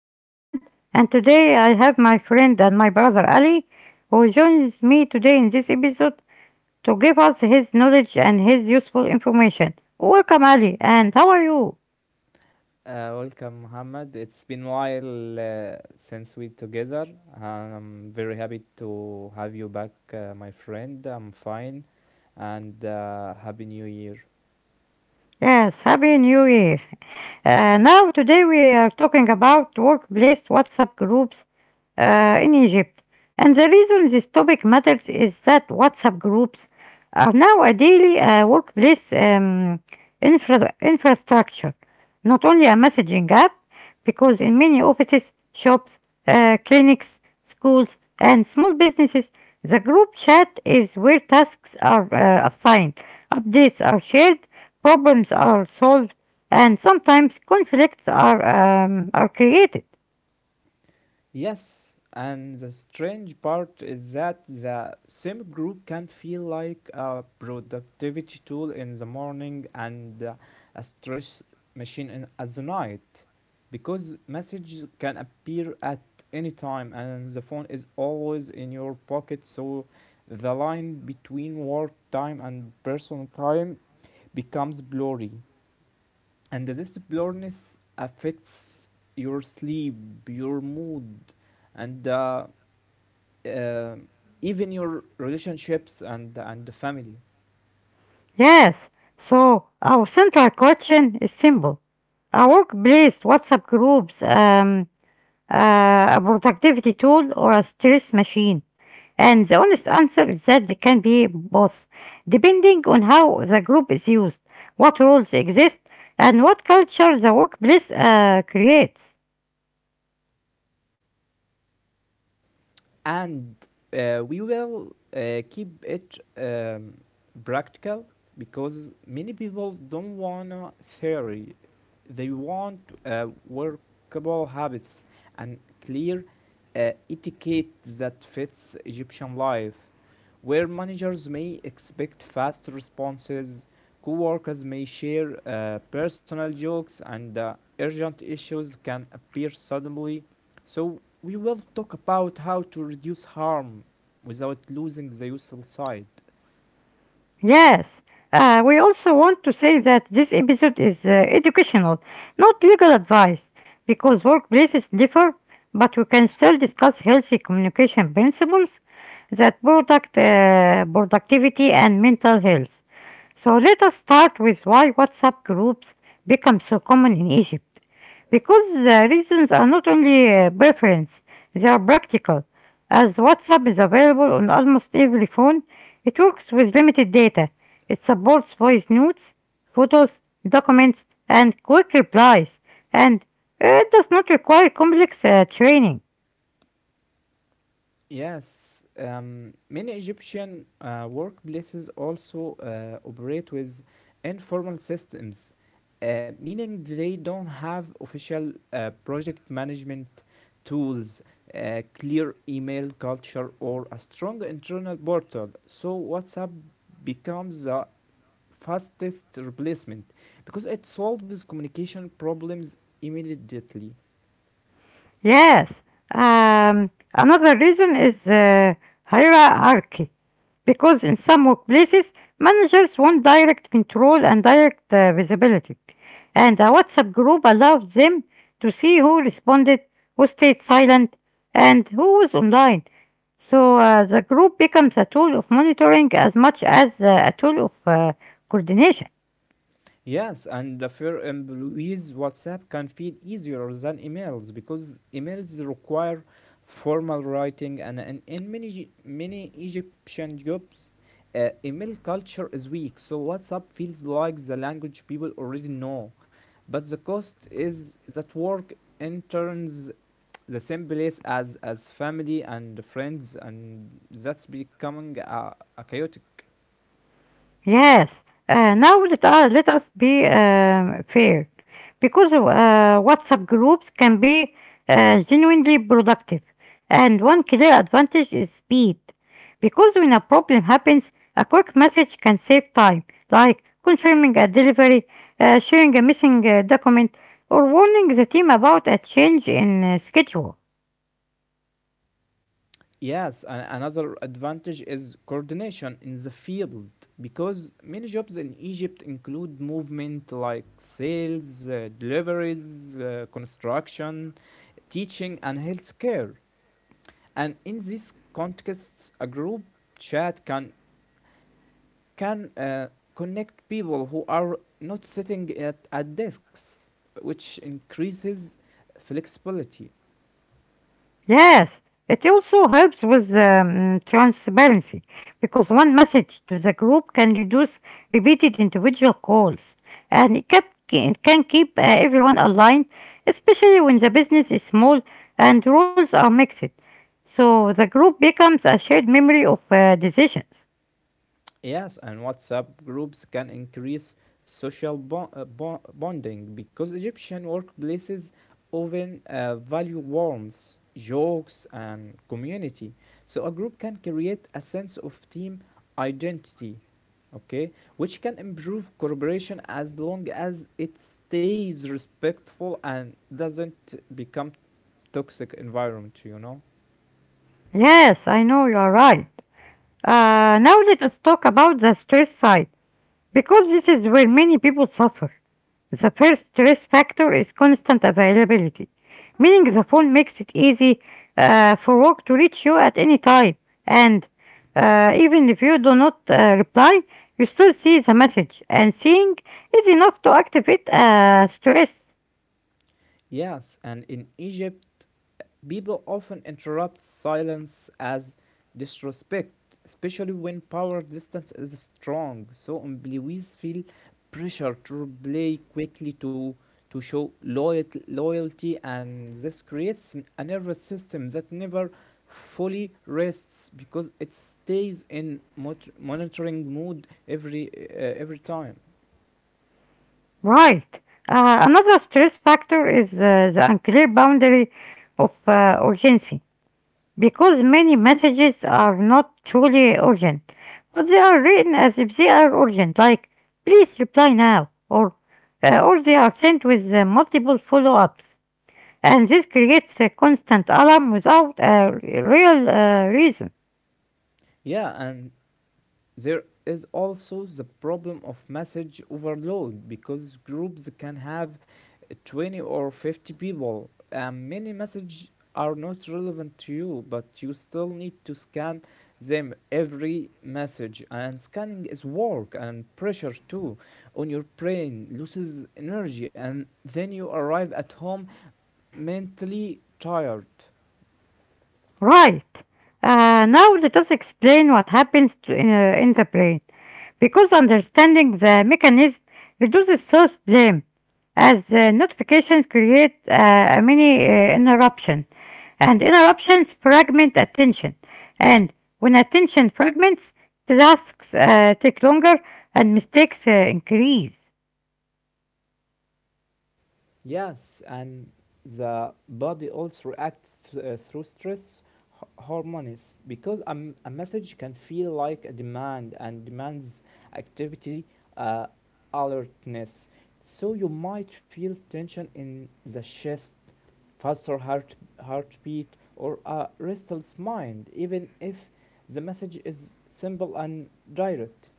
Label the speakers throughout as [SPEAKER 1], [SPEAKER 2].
[SPEAKER 1] I'm Mohammed, and today I have my friend and my brother Ali, who joins me today in this episode to give us his knowledge and his useful information. Welcome, Ali, and how are you?
[SPEAKER 2] Welcome, Muhammad. It's been a while since we together. I'm very happy to have you back, my friend. I'm fine, and happy New Year.
[SPEAKER 1] Yes, Happy New Year. Now, today we are talking about workplace WhatsApp groups in Egypt. And the reason this topic matters is that WhatsApp groups are now a daily workplace infrastructure, not only a messaging app, because in many offices, shops, clinics, schools, and small businesses, the group chat is where tasks are assigned, updates are shared, problems are solved, and sometimes conflicts are created.
[SPEAKER 2] Yes, and the strange part is that the same group can feel like a productivity tool in the morning and a stress machine in, at the night. Because messages can appear at any time and the phone is always in your pocket, so the line between work time and personal time becomes blurry and this blurriness affects your sleep, your mood, and uh, even your relationships and the family.
[SPEAKER 1] Yes, so our central question is simple. A workplace WhatsApp groups, a productivity tool, or a stress machine? And the honest answer is that they can be both, depending on how the group is used, what rules exist, and what culture the workplace creates.
[SPEAKER 2] And we will keep it practical because many people don't want to theory, they want workable habits and clear etiquette that fits Egyptian life, where managers may expect fast responses, co-workers may share personal jokes, and urgent issues can appear suddenly. So we will talk about how to reduce harm without losing the useful side.
[SPEAKER 1] Yes, we also want to say that this episode is educational, not legal advice, because workplaces differ, but we can still discuss healthy communication principles that product productivity and mental health. So let us start with why WhatsApp groups become so common in Egypt. Because the reasons are not only preference, they are practical. As WhatsApp is available on almost every phone, it works with limited data. It supports voice notes, photos, documents, and quick replies, and it does not require complex training.
[SPEAKER 2] Yes, many Egyptian workplaces also operate with informal systems, meaning they don't have official project management tools, a clear email culture, or a strong internal portal. So WhatsApp becomes the fastest replacement because it solves communication problems immediately.
[SPEAKER 1] Yes. Another reason is hierarchy, because in some workplaces, managers want direct control and direct visibility, and a WhatsApp group allows them to see who responded, who stayed silent, and who was online. So the group becomes a tool of monitoring as much as a tool of coordination.
[SPEAKER 2] Yes, and for employees, WhatsApp can feel easier than emails because emails require formal writing, and in many many Egyptian jobs, email culture is weak. So WhatsApp feels like the language people already know, but the cost is that work interns the same place as family and friends, and that's becoming a chaotic.
[SPEAKER 1] Yes. Now let us be fair, because WhatsApp groups can be genuinely productive, and one clear advantage is speed. Because when a problem happens, a quick message can save time, like confirming a delivery, sharing a missing document, or warning the team about a change in schedule.
[SPEAKER 2] Yes, and another advantage is coordination in the field, because many jobs in Egypt include movement like sales, deliveries, construction, teaching, and healthcare. And in these contexts, a group chat can can uh, connect people who are not sitting at desks, which increases flexibility.
[SPEAKER 1] Yes, it also helps with transparency because one message to the group can reduce repeated individual calls, and it can keep everyone aligned, especially when the business is small and roles are mixed. So the group becomes a shared memory of decisions.
[SPEAKER 2] Yes, and WhatsApp groups can increase social bonding because Egyptian workplaces often value warmth, jokes, and community. So a group can create a sense of team identity, okay, which can improve cooperation as long as it stays respectful and doesn't become toxic environment, you know?
[SPEAKER 1] Yes, I know you are right. Now let us talk about the stress side, because this is where many people suffer. The first stress factor is constant availability, meaning the phone makes it easy for work to reach you at any time. And even if you do not reply, you still see the message, and seeing is enough to activate stress.
[SPEAKER 2] Yes, and in Egypt, people often interrupt silence as disrespect, especially when power distance is strong. So employees feel pressure to reply quickly to show loyalty, loyalty, and this creates a nervous system that never fully rests because it stays in monitoring mood every time.
[SPEAKER 1] Right. Another stress factor is the unclear boundary of urgency, because many messages are not truly urgent, but they are written as if they are urgent, like please reply now, or they are sent with multiple follow-ups, and this creates a constant alarm without a real reason.
[SPEAKER 2] Yeah, and there is also the problem of message overload because groups can have 20 or 50 people, and many messages are not relevant to you, but you still need to scan them every message. And scanning is work and pressure too on your brain, loses energy, and then you arrive at home mentally tired.
[SPEAKER 1] Right. Now let us explain what happens in the brain, because understanding the mechanism reduces self-blame, as notifications create a mini interruption, and interruptions fragment attention. And when attention fragments, tasks take longer and mistakes increase.
[SPEAKER 2] Yes, and the body also reacts through stress hormones because a, a message can feel like a demand, and demands activity, uh, alertness. So you might feel tension in the chest, faster heartbeat, or a restless mind, even if the message is simple and direct.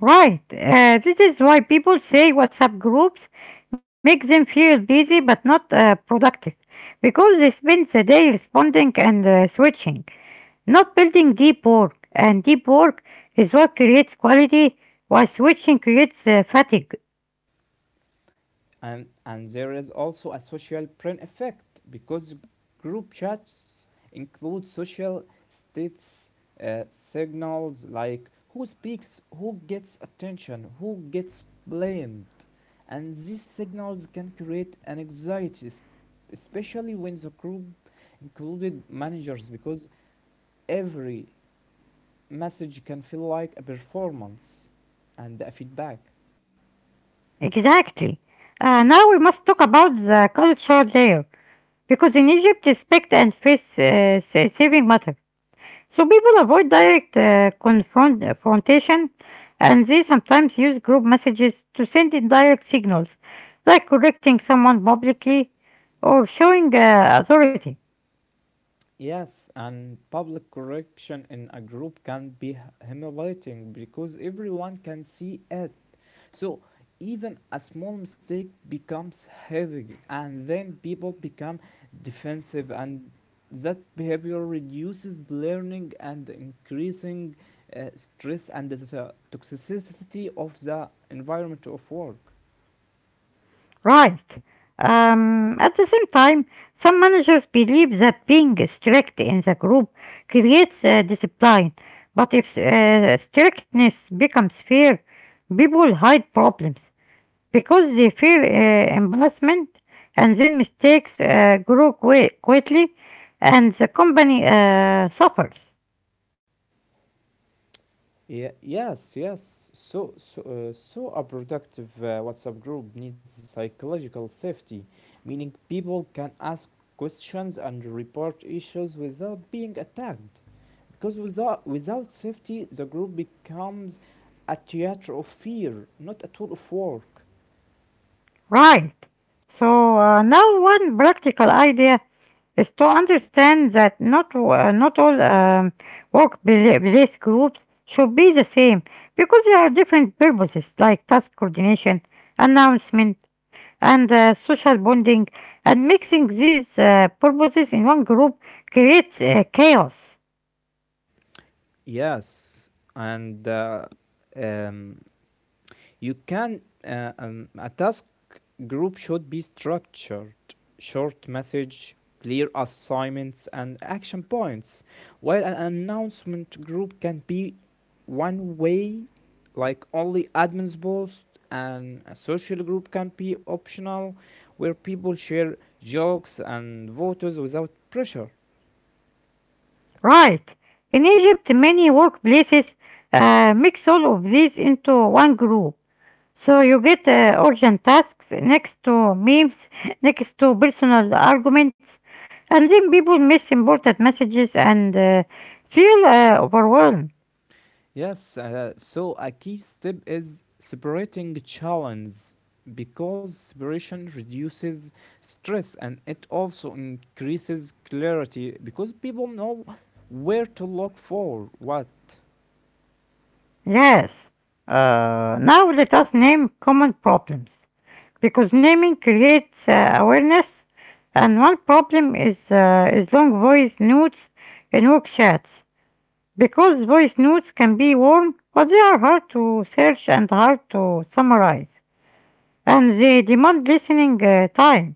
[SPEAKER 1] Right, this is why people say WhatsApp groups make them feel busy but not productive, because they spend the day responding and switching, not building deep work. And deep work is what creates quality, while switching creates fatigue.
[SPEAKER 2] And there is also a social brain effect, because group chats include social states signals like who speaks, who gets attention, who gets blamed, and these signals can create an anxiety, especially when the group included managers, because every message can feel like a performance and a feedback.
[SPEAKER 1] Exactly. Now we must talk about the cultural layer, because in Egypt, respect and face saving matter. So people avoid direct confrontation, and they sometimes use group messages to send indirect signals, like correcting someone publicly or showing authority.
[SPEAKER 2] Yes, and public correction in a group can be humiliating because everyone can see it. So even a small mistake becomes heavy, and then people become defensive, and that behavior reduces learning and increasing stress and the toxicity of the environment of work.
[SPEAKER 1] Right. At the same time, some managers believe that being strict in the group creates discipline, but if strictness becomes fear, people hide problems because they fear embarrassment, and then mistakes grow quickly and the company suffers.
[SPEAKER 2] Yeah, yes. So a productive WhatsApp group needs psychological safety, meaning people can ask questions and report issues without being attacked. Because without safety, the group becomes a theater of fear, not a tool of work.
[SPEAKER 1] Right. So now one practical idea is to understand that not all workplace groups should be the same, because there are different purposes like task coordination, announcement, and social bonding. And mixing these purposes in one group creates chaos.
[SPEAKER 2] Yes, and um, you can a task group should be structured. Short message, clear assignments, and action points. While an announcement group can be one way, like only admins post, and a social group can be optional, where people share jokes and photos without pressure.
[SPEAKER 1] Right. In Egypt, many workplaces mix all of these into one group. So you get urgent tasks next to memes, next to personal arguments, and then people miss important messages and feel overwhelmed.
[SPEAKER 2] Yes, so a key step is separating challenges because separation reduces stress, and it also increases clarity because people know where to look for what.
[SPEAKER 1] Yes. Now let us name common problems, because naming creates awareness, and one problem is long voice notes in work chats, because voice notes can be warm, but they are hard to search and hard to summarize, and they demand listening time.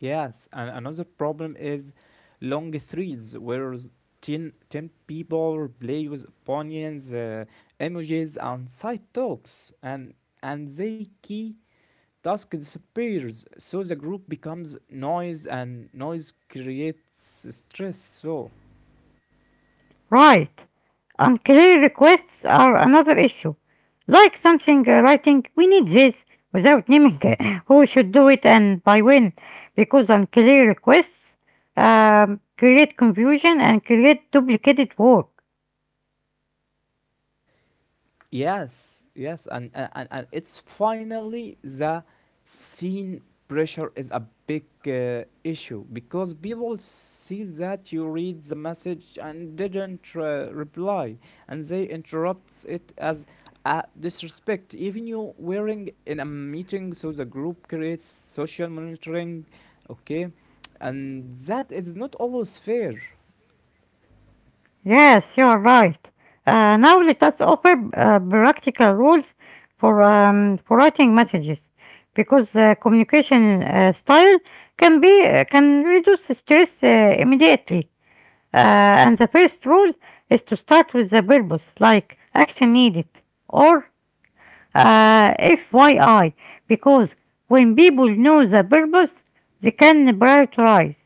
[SPEAKER 2] Yes, and another problem is long threads where ten people play with opinions, images, and side talks, and they key task disappears, so the group becomes noise and noise creates stress so.
[SPEAKER 1] Right. Unclear requests are another issue. Like something writing, we need this, without naming who should do it and by when, because unclear requests create confusion and create duplicated work.
[SPEAKER 2] Yes, and it's finally the scene pressure is a big issue because people see that you read the message and didn't reply, and they interrupt it as a disrespect. Even you wearing in a meeting, so the group creates social monitoring, okay, and that is not always fair.
[SPEAKER 1] Yes, you're right. Now let us offer practical rules for writing messages, because communication style can reduce stress immediately. And the first rule is to start with the purpose, like action needed or FYI, because when people know the purpose, they can prioritize.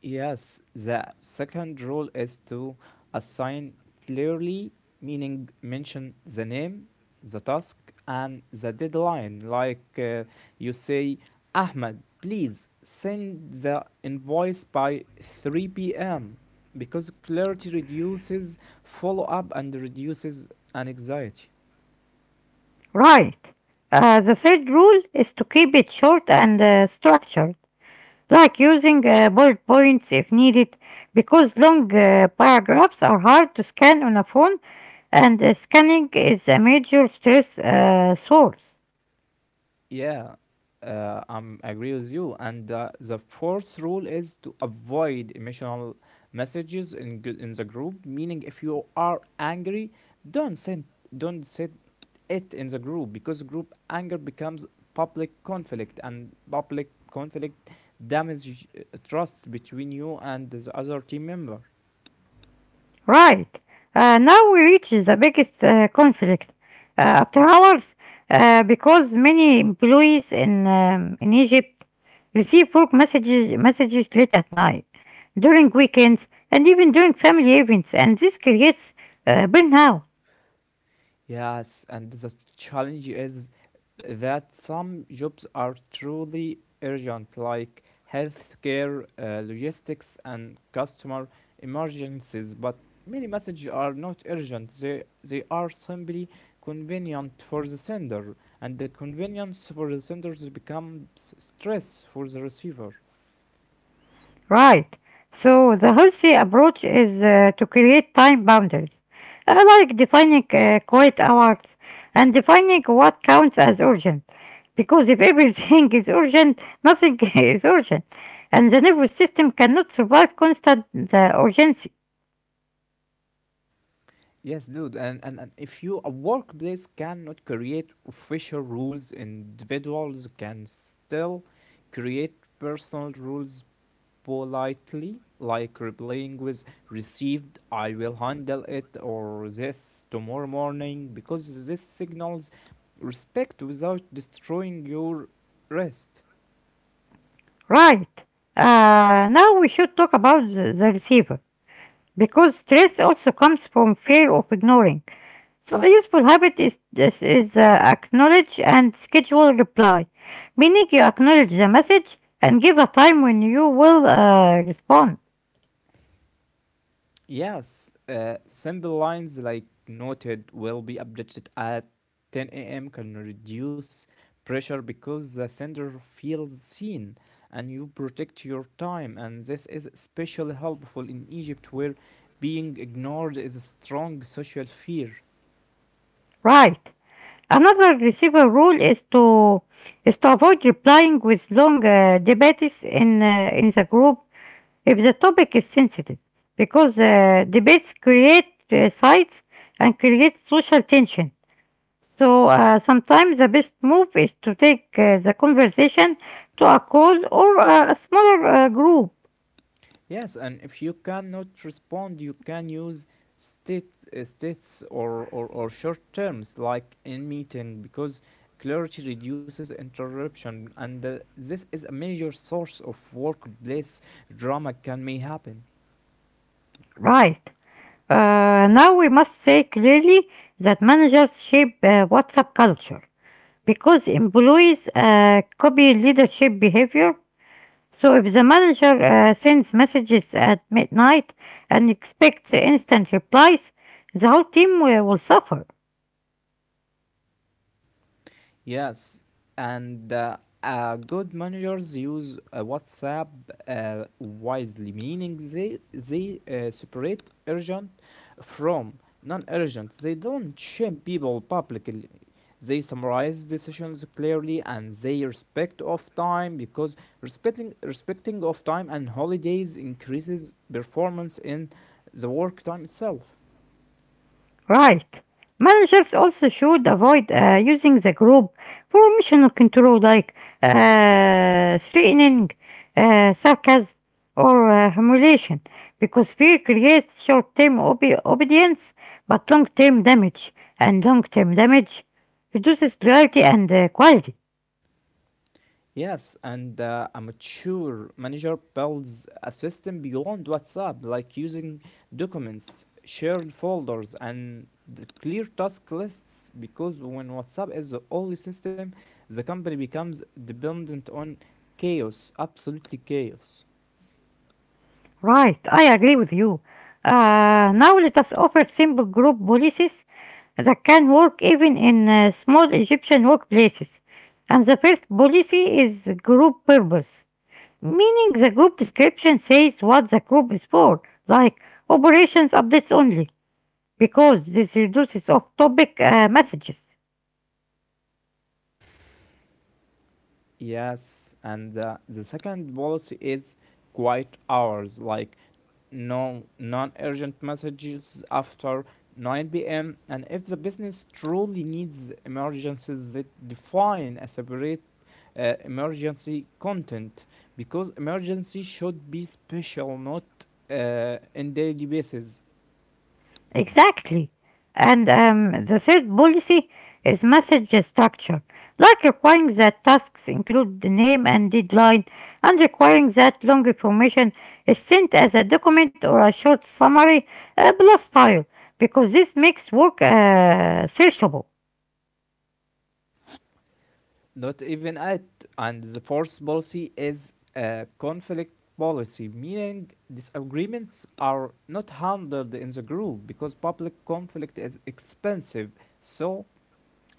[SPEAKER 2] Yes, the second rule is to assign clearly, meaning mention the name, the task, and the deadline. Like you say, Ahmed, please send the invoice by 3 p.m. because clarity reduces follow up and reduces anxiety.
[SPEAKER 1] Right. The third rule is to keep it short and structured, like using bullet points if needed, because long paragraphs are hard to scan on a phone, and scanning is a major stress source.
[SPEAKER 2] Yeah, I'm agree with you. And the fourth rule is to avoid emotional messages in in the group. Meaning, if you are angry, don't send don't send it in the group, because group anger becomes public conflict, and public conflict damage trust between you and the other team member.
[SPEAKER 1] Right. Now we reach the biggest conflict, after hours, because many employees in Egypt receive work messages late at night, during weekends, and even during family events, and this creates burnout.
[SPEAKER 2] Yes, and the challenge is that some jobs are truly urgent, like healthcare, logistics, and customer emergencies. But many messages are not urgent, they are simply convenient for the sender, and the convenience for the sender becomes stress for the receiver.
[SPEAKER 1] Right. So the healthy approach is to create time boundaries, like defining quiet hours and defining what counts as urgent. Because if everything is urgent, nothing is urgent, and the nervous system cannot survive constant urgency.
[SPEAKER 2] Yes, dude, and if you a workplace cannot create official rules, individuals can still create personal rules politely, like replying with received, I will handle it, or this tomorrow morning, because this signals respect without destroying your rest.
[SPEAKER 1] Right. Now we should talk about the receiver, because stress also comes from fear of ignoring. So a useful habit is acknowledge and schedule reply, meaning you acknowledge the message and give a time when you will respond.
[SPEAKER 2] Yes, simple lines like noted will be updated at 10 a.m. can reduce pressure because the sender feels seen and you protect your time. And this is especially helpful in Egypt where being ignored is a strong social fear.
[SPEAKER 1] Right. Another receiver rule is to avoid replying with long debates in the group if the topic is sensitive, because debates create sites and create social tension. So sometimes the best move is to take the conversation to a call or a smaller group.
[SPEAKER 2] Yes, and if you cannot respond, you can use state or short terms like in meeting, because clarity reduces interruption, and this is a major source of workplace drama can may happen.
[SPEAKER 1] Right. Now we must say clearly that managers shape WhatsApp culture, because employees copy leadership behavior. So if the manager sends messages at midnight and expects instant replies, the whole team will suffer.
[SPEAKER 2] Yes, and good managers use WhatsApp wisely, meaning they separate urgent from non-urgent. They don't shame people publicly. They summarize decisions clearly, and they respect of time, because respecting of time and holidays increases performance in the work time itself.
[SPEAKER 1] Right. Managers also should avoid using the group for emotional control, like threatening, sarcasm, or humiliation, because fear creates short term obedience but long term damage, and long term damage reduces loyalty and quality.
[SPEAKER 2] Yes, and a mature manager builds a system beyond WhatsApp, like using documents, shared folders, and the clear task lists. Because when WhatsApp is the only system, the company becomes dependent on chaos, absolutely chaos.
[SPEAKER 1] Right, I agree with you. Now let us offer simple group policies that can work even in small Egyptian workplaces. And the first policy is group purpose, meaning the group description says what the group is for, like operations updates only, because this reduces off topic messages.
[SPEAKER 2] Yes, and the second policy is quiet hours, like no non-urgent messages after 9 p.m. And if the business truly needs emergencies, they define a separate emergency content, because emergency should be special, not in daily basis.
[SPEAKER 1] Exactly. And the third policy is message structure, like requiring that tasks include the name and deadline, and requiring that long information is sent as a document or a short summary plus file, because this makes work searchable.
[SPEAKER 2] Not even at, and the fourth policy is a conflict policy, meaning disagreements are not handled in the group because public conflict is expensive, so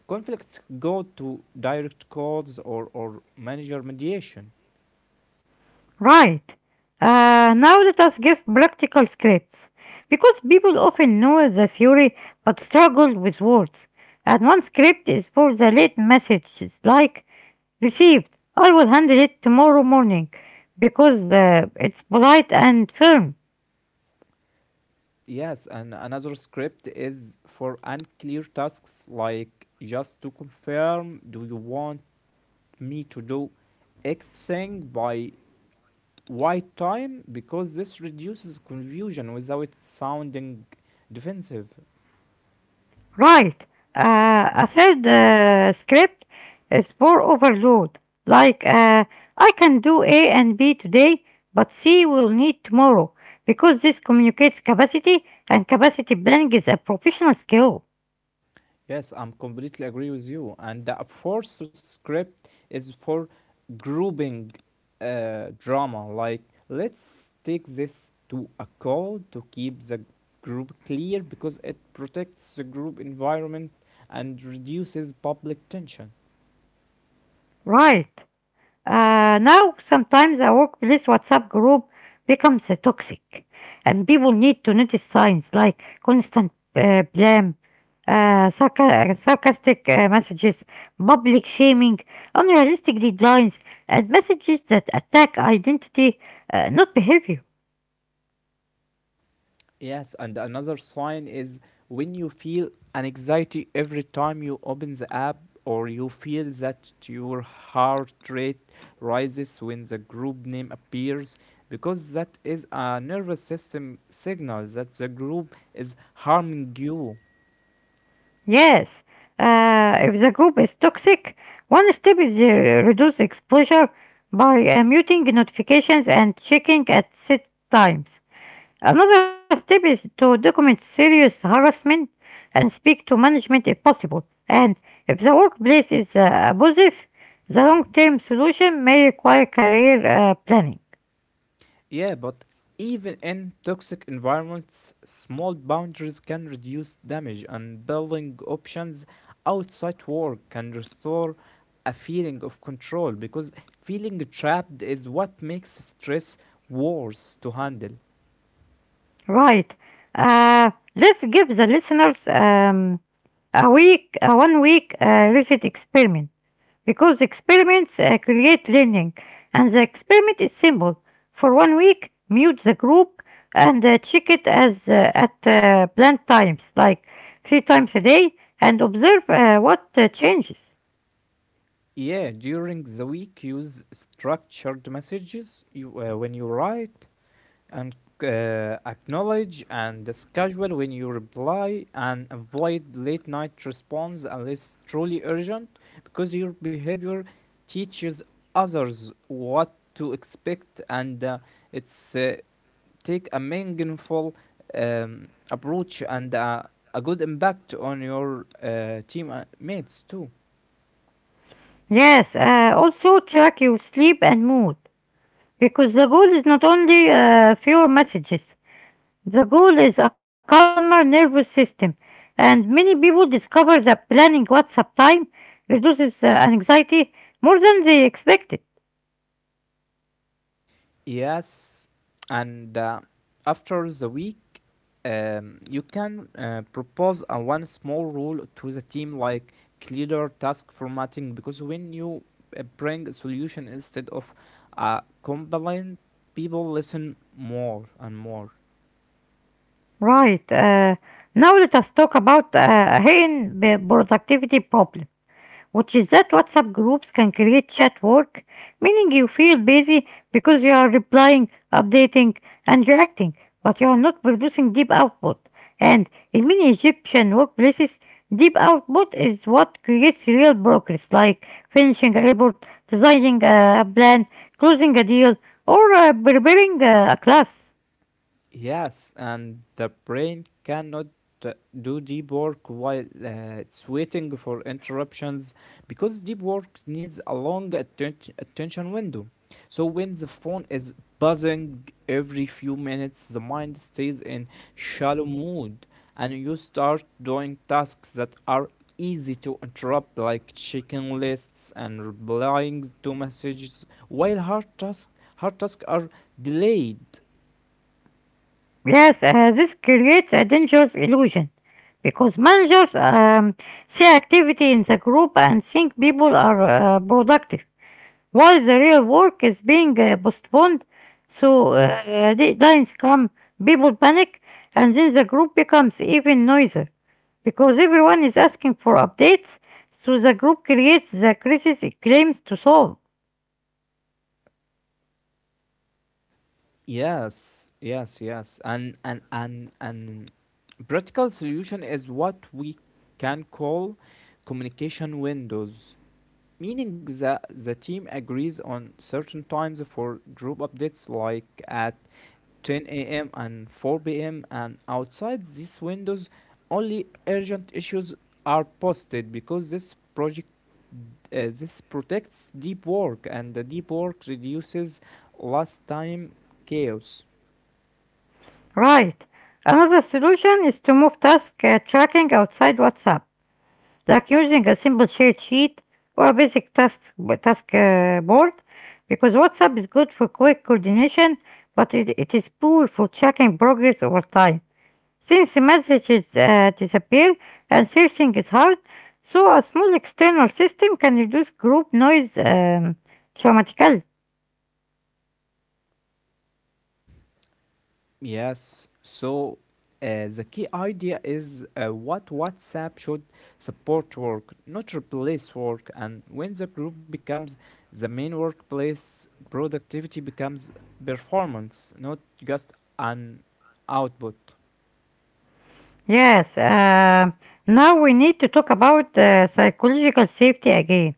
[SPEAKER 2] conflicts go to direct codes, or manager mediation.
[SPEAKER 1] Right. Now let us give practical scripts, because people often know the theory but struggle with words. And one script is for the late messages, like received, I will handle it tomorrow morning, because it's polite and firm.
[SPEAKER 2] Yes, and another script is for unclear tasks, like just to confirm, do you want me to do x thing by Why time? Because this reduces confusion without sounding defensive.
[SPEAKER 1] Right. A third script is for overload. Like, I can do A and B today, but C will need tomorrow, because this communicates capacity, and capacity planning is a professional skill.
[SPEAKER 2] Yes, I'm completely agree with you. And the fourth script is for grouping drama. Like, let's take this to a call to keep the group clear, because it protects the group environment and reduces public tension.
[SPEAKER 1] Right. Now, sometimes a workplace WhatsApp group becomes toxic, and people need to notice signs like constant blame, sarcastic messages, public shaming, unrealistic deadlines, and messages that attack identity, not behavior.
[SPEAKER 2] Yes, and another sign is when you feel an anxiety every time you open the app or you feel that your heart rate rises when the group name appears, because that is a nervous system signal that the group is harming you.
[SPEAKER 1] Yes, if the group is toxic, one step is reduce exposure by muting notifications and checking at set times. Another step is to document serious harassment and speak to management if possible. And if the workplace is abusive, the long-term solution may require career planning.
[SPEAKER 2] Yeah, but even in toxic environments, small boundaries can reduce damage, and building options outside work can restore a feeling of control, because feeling trapped is what makes stress worse to handle.
[SPEAKER 1] Right. Let's give the listeners a one-week reset experiment, because experiments create learning, and the experiment is simple. For 1 week, mute the group and check it as at planned times, like three times a day, and observe what changes.
[SPEAKER 2] Yeah, during the week, use structured messages when you write, and acknowledge and schedule when you reply, and avoid late night response unless truly urgent, because your behavior teaches others what to expect, and it's take a meaningful approach and a good impact on your team mates too.
[SPEAKER 1] Yes, also track your sleep and mood, because the goal is not only fewer messages. The goal is a calmer nervous system, and many people discover that planning WhatsApp time reduces anxiety more than they expected.
[SPEAKER 2] Yes, and after the week, you can propose a one small rule to the team, like clearer task formatting, because when you bring a solution instead of a complaint, people listen more and more.
[SPEAKER 1] Right. Now let us talk about hidden productivity problem, which is that WhatsApp groups can create chat work, meaning you feel busy because you are replying, updating, and reacting, but you are not producing deep output. And in many Egyptian workplaces, deep output is what creates real progress, like finishing a report, designing a plan, closing a deal, or preparing a class.
[SPEAKER 2] Yes, and the brain cannot uh, do deep work while it's waiting for interruptions, because deep work needs a long attention window. So when the phone is buzzing every few minutes, the mind stays in shallow mood, and you start doing tasks that are easy to interrupt like checking lists and replying to messages while hard tasks are delayed.
[SPEAKER 1] Yes, this creates a dangerous illusion because managers see activity in the group and think people are productive, while the real work is being postponed. So deadlines come, people panic, and then the group becomes even noisier because everyone is asking for updates. So the group creates the crisis it claims to solve.
[SPEAKER 2] Yes, yes, yes. And practical solution is what we can call communication windows, meaning that the team agrees on certain times for group updates like at 10 a.m. and 4 p.m., and outside these windows only urgent issues are posted because this protects deep work, and the deep work reduces last time chaos.
[SPEAKER 1] Right. Another solution is to move task tracking outside WhatsApp, like using a simple shared sheet or a basic task, task board, because WhatsApp is good for quick coordination, but it is poor for tracking progress over time. Since the messages disappear and searching is hard, so a small external system can reduce group noise dramatically.
[SPEAKER 2] Yes, so the key idea is what WhatsApp should support work, not replace work. And when the group becomes the main workplace, productivity becomes performance, not just an output.
[SPEAKER 1] Yes, now we need to talk about psychological safety again,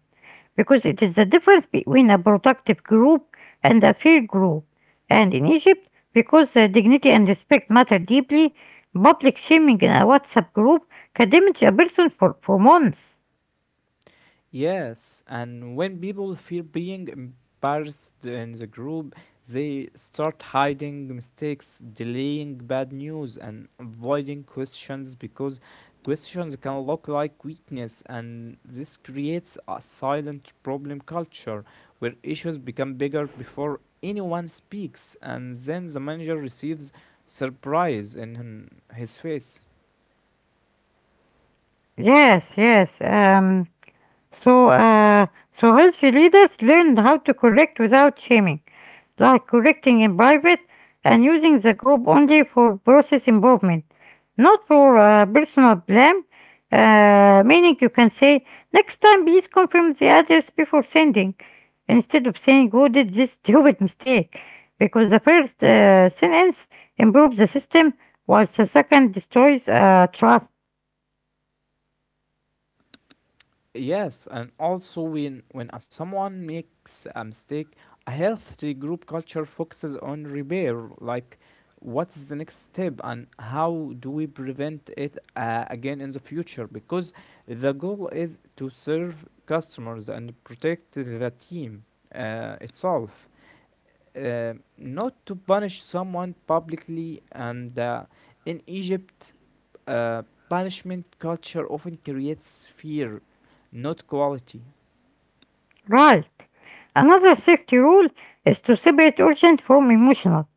[SPEAKER 1] because it is the difference between a productive group and a fair group. And in Egypt, because dignity and respect matter deeply, public shaming in a WhatsApp group can damage a person for months.
[SPEAKER 2] Yes, and when people fear being embarrassed in the group, they start hiding mistakes, delaying bad news, and avoiding questions because questions can look like weakness, and this creates a silent problem culture where issues become bigger before anyone speaks, and then the manager receives surprise in his face.
[SPEAKER 1] Yes, yes. So, uh, so healthy leaders learned how to correct without shaming, like collecting in private and using the group only for process improvement, not for personal blame. Meaning you can say, next time please confirm the address before sending, instead of saying who did this stupid mistake, because the first sentence improves the system, while the second destroys trust.
[SPEAKER 2] Yes, and also when a someone makes a mistake, a healthy group culture focuses on repair, like what's the next step and how do we prevent it again in the future? Because the goal is to serve customers and protect the team itself, not to punish someone publicly. And in Egypt, uh, punishment culture often creates fear, not quality,
[SPEAKER 1] Right. Another safety rule is to separate urgent from emotional,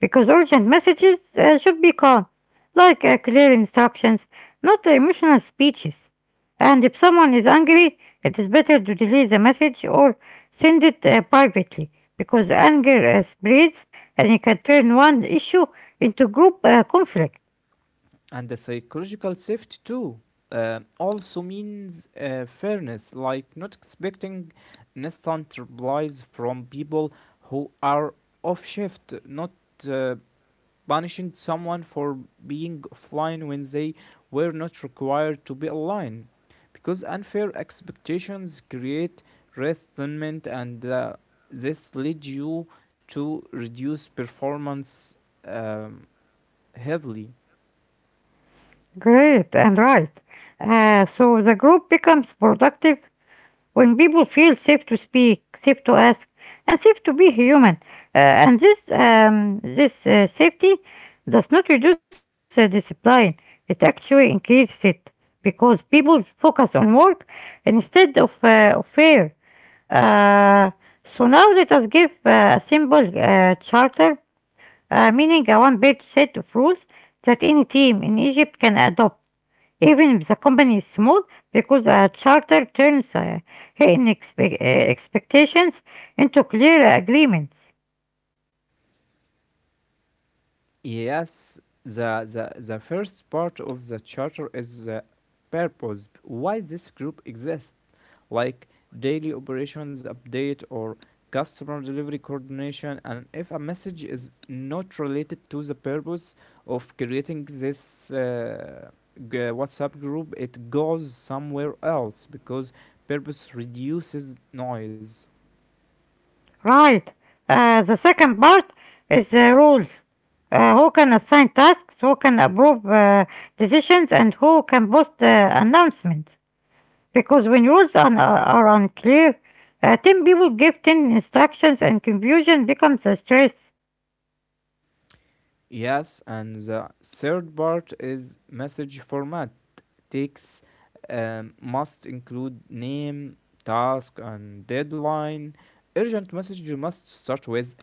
[SPEAKER 1] because urgent messages should be calm, like clear instructions, not emotional speeches. And if someone is angry, it is better to delete the message or send it privately, because anger spreads and it can turn one issue into group conflict.
[SPEAKER 2] and the psychological safety too. Also means fairness, like not expecting instant replies from people who are off shift, not uh, punishing someone for being offline when they were not required to be online. Because unfair expectations create resentment, and this leads you to reduce performance um, heavily.
[SPEAKER 1] Great and right. So the group becomes productive when people feel safe to speak, safe to ask, and safe to be human. And this safety does not reduce discipline; it actually increases it because people focus on work instead of fear. Uh, so now let us give a simple charter, meaning a one-page set of rules that any team in Egypt can adopt even if the company is small, because a charter turns hidden expectations into clear agreements.
[SPEAKER 2] Yes, the first part of the charter is the purpose why this group exists, like daily operations update or customer delivery coordination. And if a message is not related to the purpose of creating this WhatsApp group, it goes somewhere else because purpose reduces noise.
[SPEAKER 1] Right. The second part is the rules. Who can assign tasks, who can approve decisions, and who can post announcements. Because when rules are unclear, 10 people give 10 instructions and confusion becomes a stress.
[SPEAKER 2] Yes, and the third part is message format. Takes must include name, task, and deadline. Urgent message must start with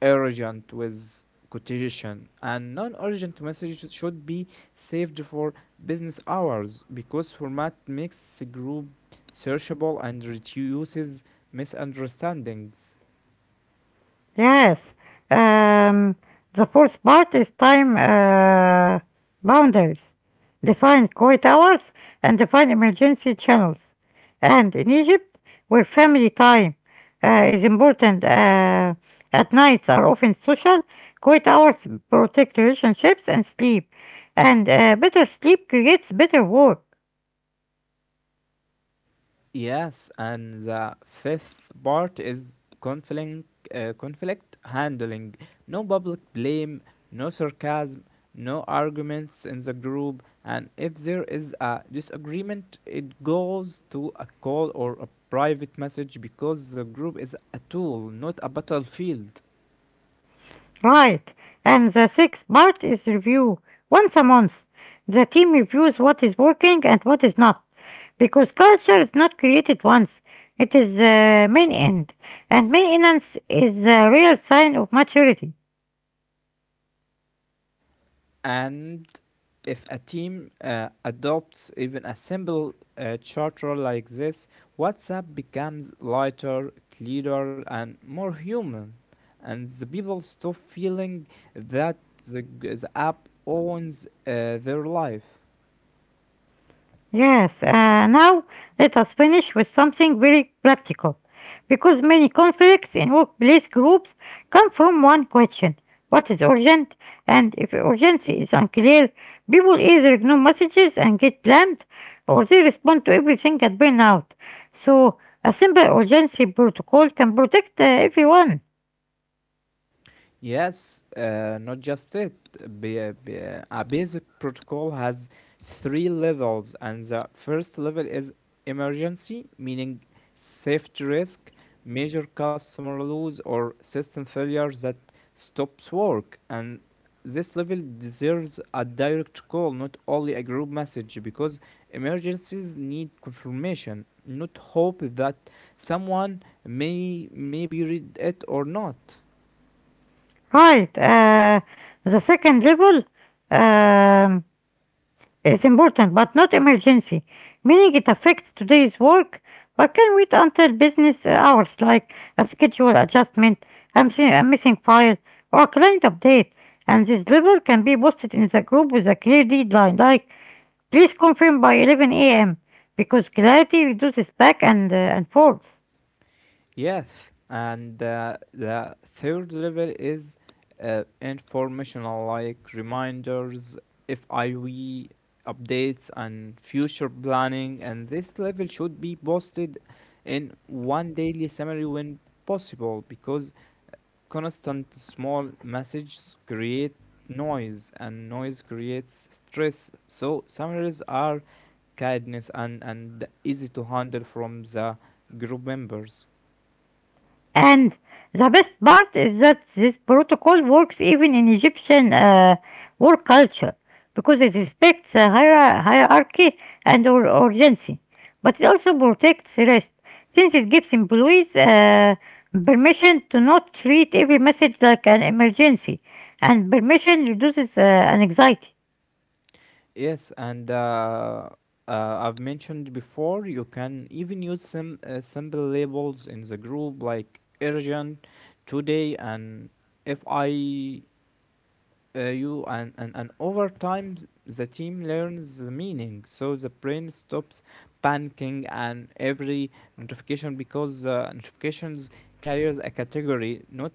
[SPEAKER 2] urgent with quotation, and non-urgent messages should be saved for business hours because format makes group searchable and reduces misunderstandings.
[SPEAKER 1] Yes, um, the fourth part is time boundaries. Define quiet hours and define emergency channels. And in Egypt, where family time is important, at nights are often social, quiet hours protect relationships and sleep. And better sleep creates better work.
[SPEAKER 2] Yes, and the fifth part is conflict, conflict handling. No public blame, no sarcasm, no arguments in the group, and if there is a disagreement, it goes to a call or a private message because the group is a tool, not a battlefield.
[SPEAKER 1] Right. And the sixth part is review. Once a month, the team reviews what is working and what is not. Because culture is not created once, it is the main end. And maintenance is the real sign of maturity.
[SPEAKER 2] And if a team adopts even a simple charter like this, WhatsApp becomes lighter, clearer, and more human. And the people stop feeling that the app owns their life.
[SPEAKER 1] Yes, now let us finish with something very practical, because many conflicts in workplace groups come from one question: what is urgent? And if urgency is unclear, people either ignore messages and get blamed, or they respond to everything and burn out. So, a simple urgency protocol can protect everyone.
[SPEAKER 2] Yes, not just it. A basic protocol has three levels, and the first level is emergency, meaning safety risk, major customer loss, or system failure that stops work. And this level deserves a direct call, not only a group message, because emergencies need confirmation, not hope that someone may maybe read it or not.
[SPEAKER 1] Right. The second level, Um, is important but not emergency, meaning it affects today's work but can wait until business hours, like a schedule adjustment, a missing file, or a client update. And this level can be posted in the group with a clear deadline, like please confirm by 11 a.m., because clarity reduces back and forth.
[SPEAKER 2] Yes, and the third level is informational, like reminders, FIV updates, and future planning. And this level should be posted in one daily summary when possible because constant small messages create noise, and noise creates stress, so summaries are kindness and easy to handle from the group members.
[SPEAKER 1] And the best part is that this protocol works even in Egyptian work culture because it respects hierarchy and urgency, but it also protects rest since it gives employees permission to not treat every message like an emergency, and permission reduces anxiety.
[SPEAKER 2] Yes, and I've mentioned before, you can even use some simple labels in the group like urgent, today, and if I you and over time the team learns the meaning, so the brain stops panicking and every notification because notifications carries a category, not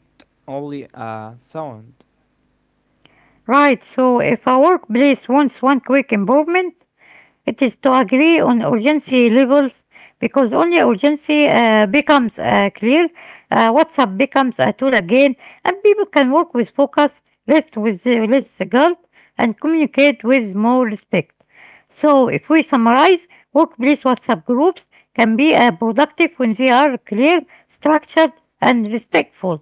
[SPEAKER 2] only a sound.
[SPEAKER 1] Right, so if a workplace wants one quick improvement, it is to agree on urgency levels, because only urgency becomes clear. WhatsApp becomes a tool again, and people can work with focus, less with less guilt, and communicate with more respect. So, if we summarize, workplace WhatsApp groups can be productive when they are clear, structured, and respectful,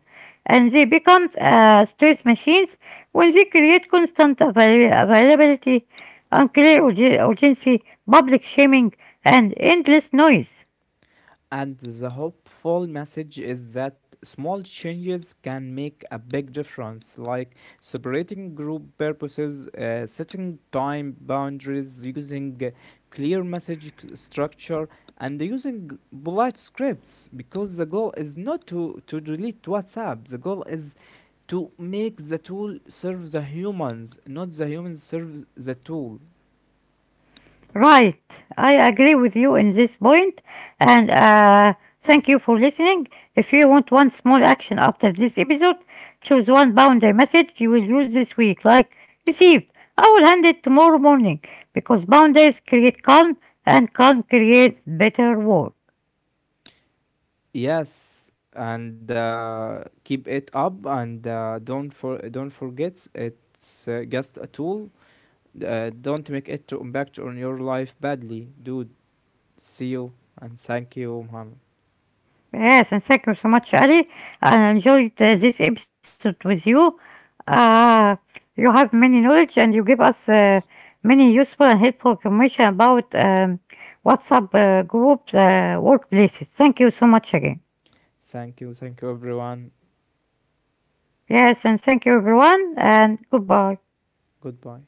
[SPEAKER 1] and they become stress machines when they create constant availability, unclear urgency, public shaming, and endless noise.
[SPEAKER 2] And the hopeful message is that small changes can make a big difference, like separating group purposes, setting time boundaries, using clear structure, and using polite scripts. Because the goal is not to delete WhatsApp; the goal is to make the tool serve the humans, not the humans serve the tool.
[SPEAKER 1] Right, I agree with you in this point, and thank you for listening. If you want one small action after this episode, choose one boundary message you will use this week, like received. I will hand it tomorrow morning, because boundaries create calm and calm creates better work.
[SPEAKER 2] Yes, and keep it up, and don't forget it's just a tool. Don't make it to impact on your life badly, dude. See you, and thank you, Muhammad.
[SPEAKER 1] Yes, and thank you so much, Ali. I enjoyed this episode with you. Uh, you have many knowledge and you give us many useful and helpful information about WhatsApp groups, workplaces. Thank you so much again.
[SPEAKER 2] Thank you, everyone.
[SPEAKER 1] Yes, and thank you, everyone, and goodbye.
[SPEAKER 2] Goodbye.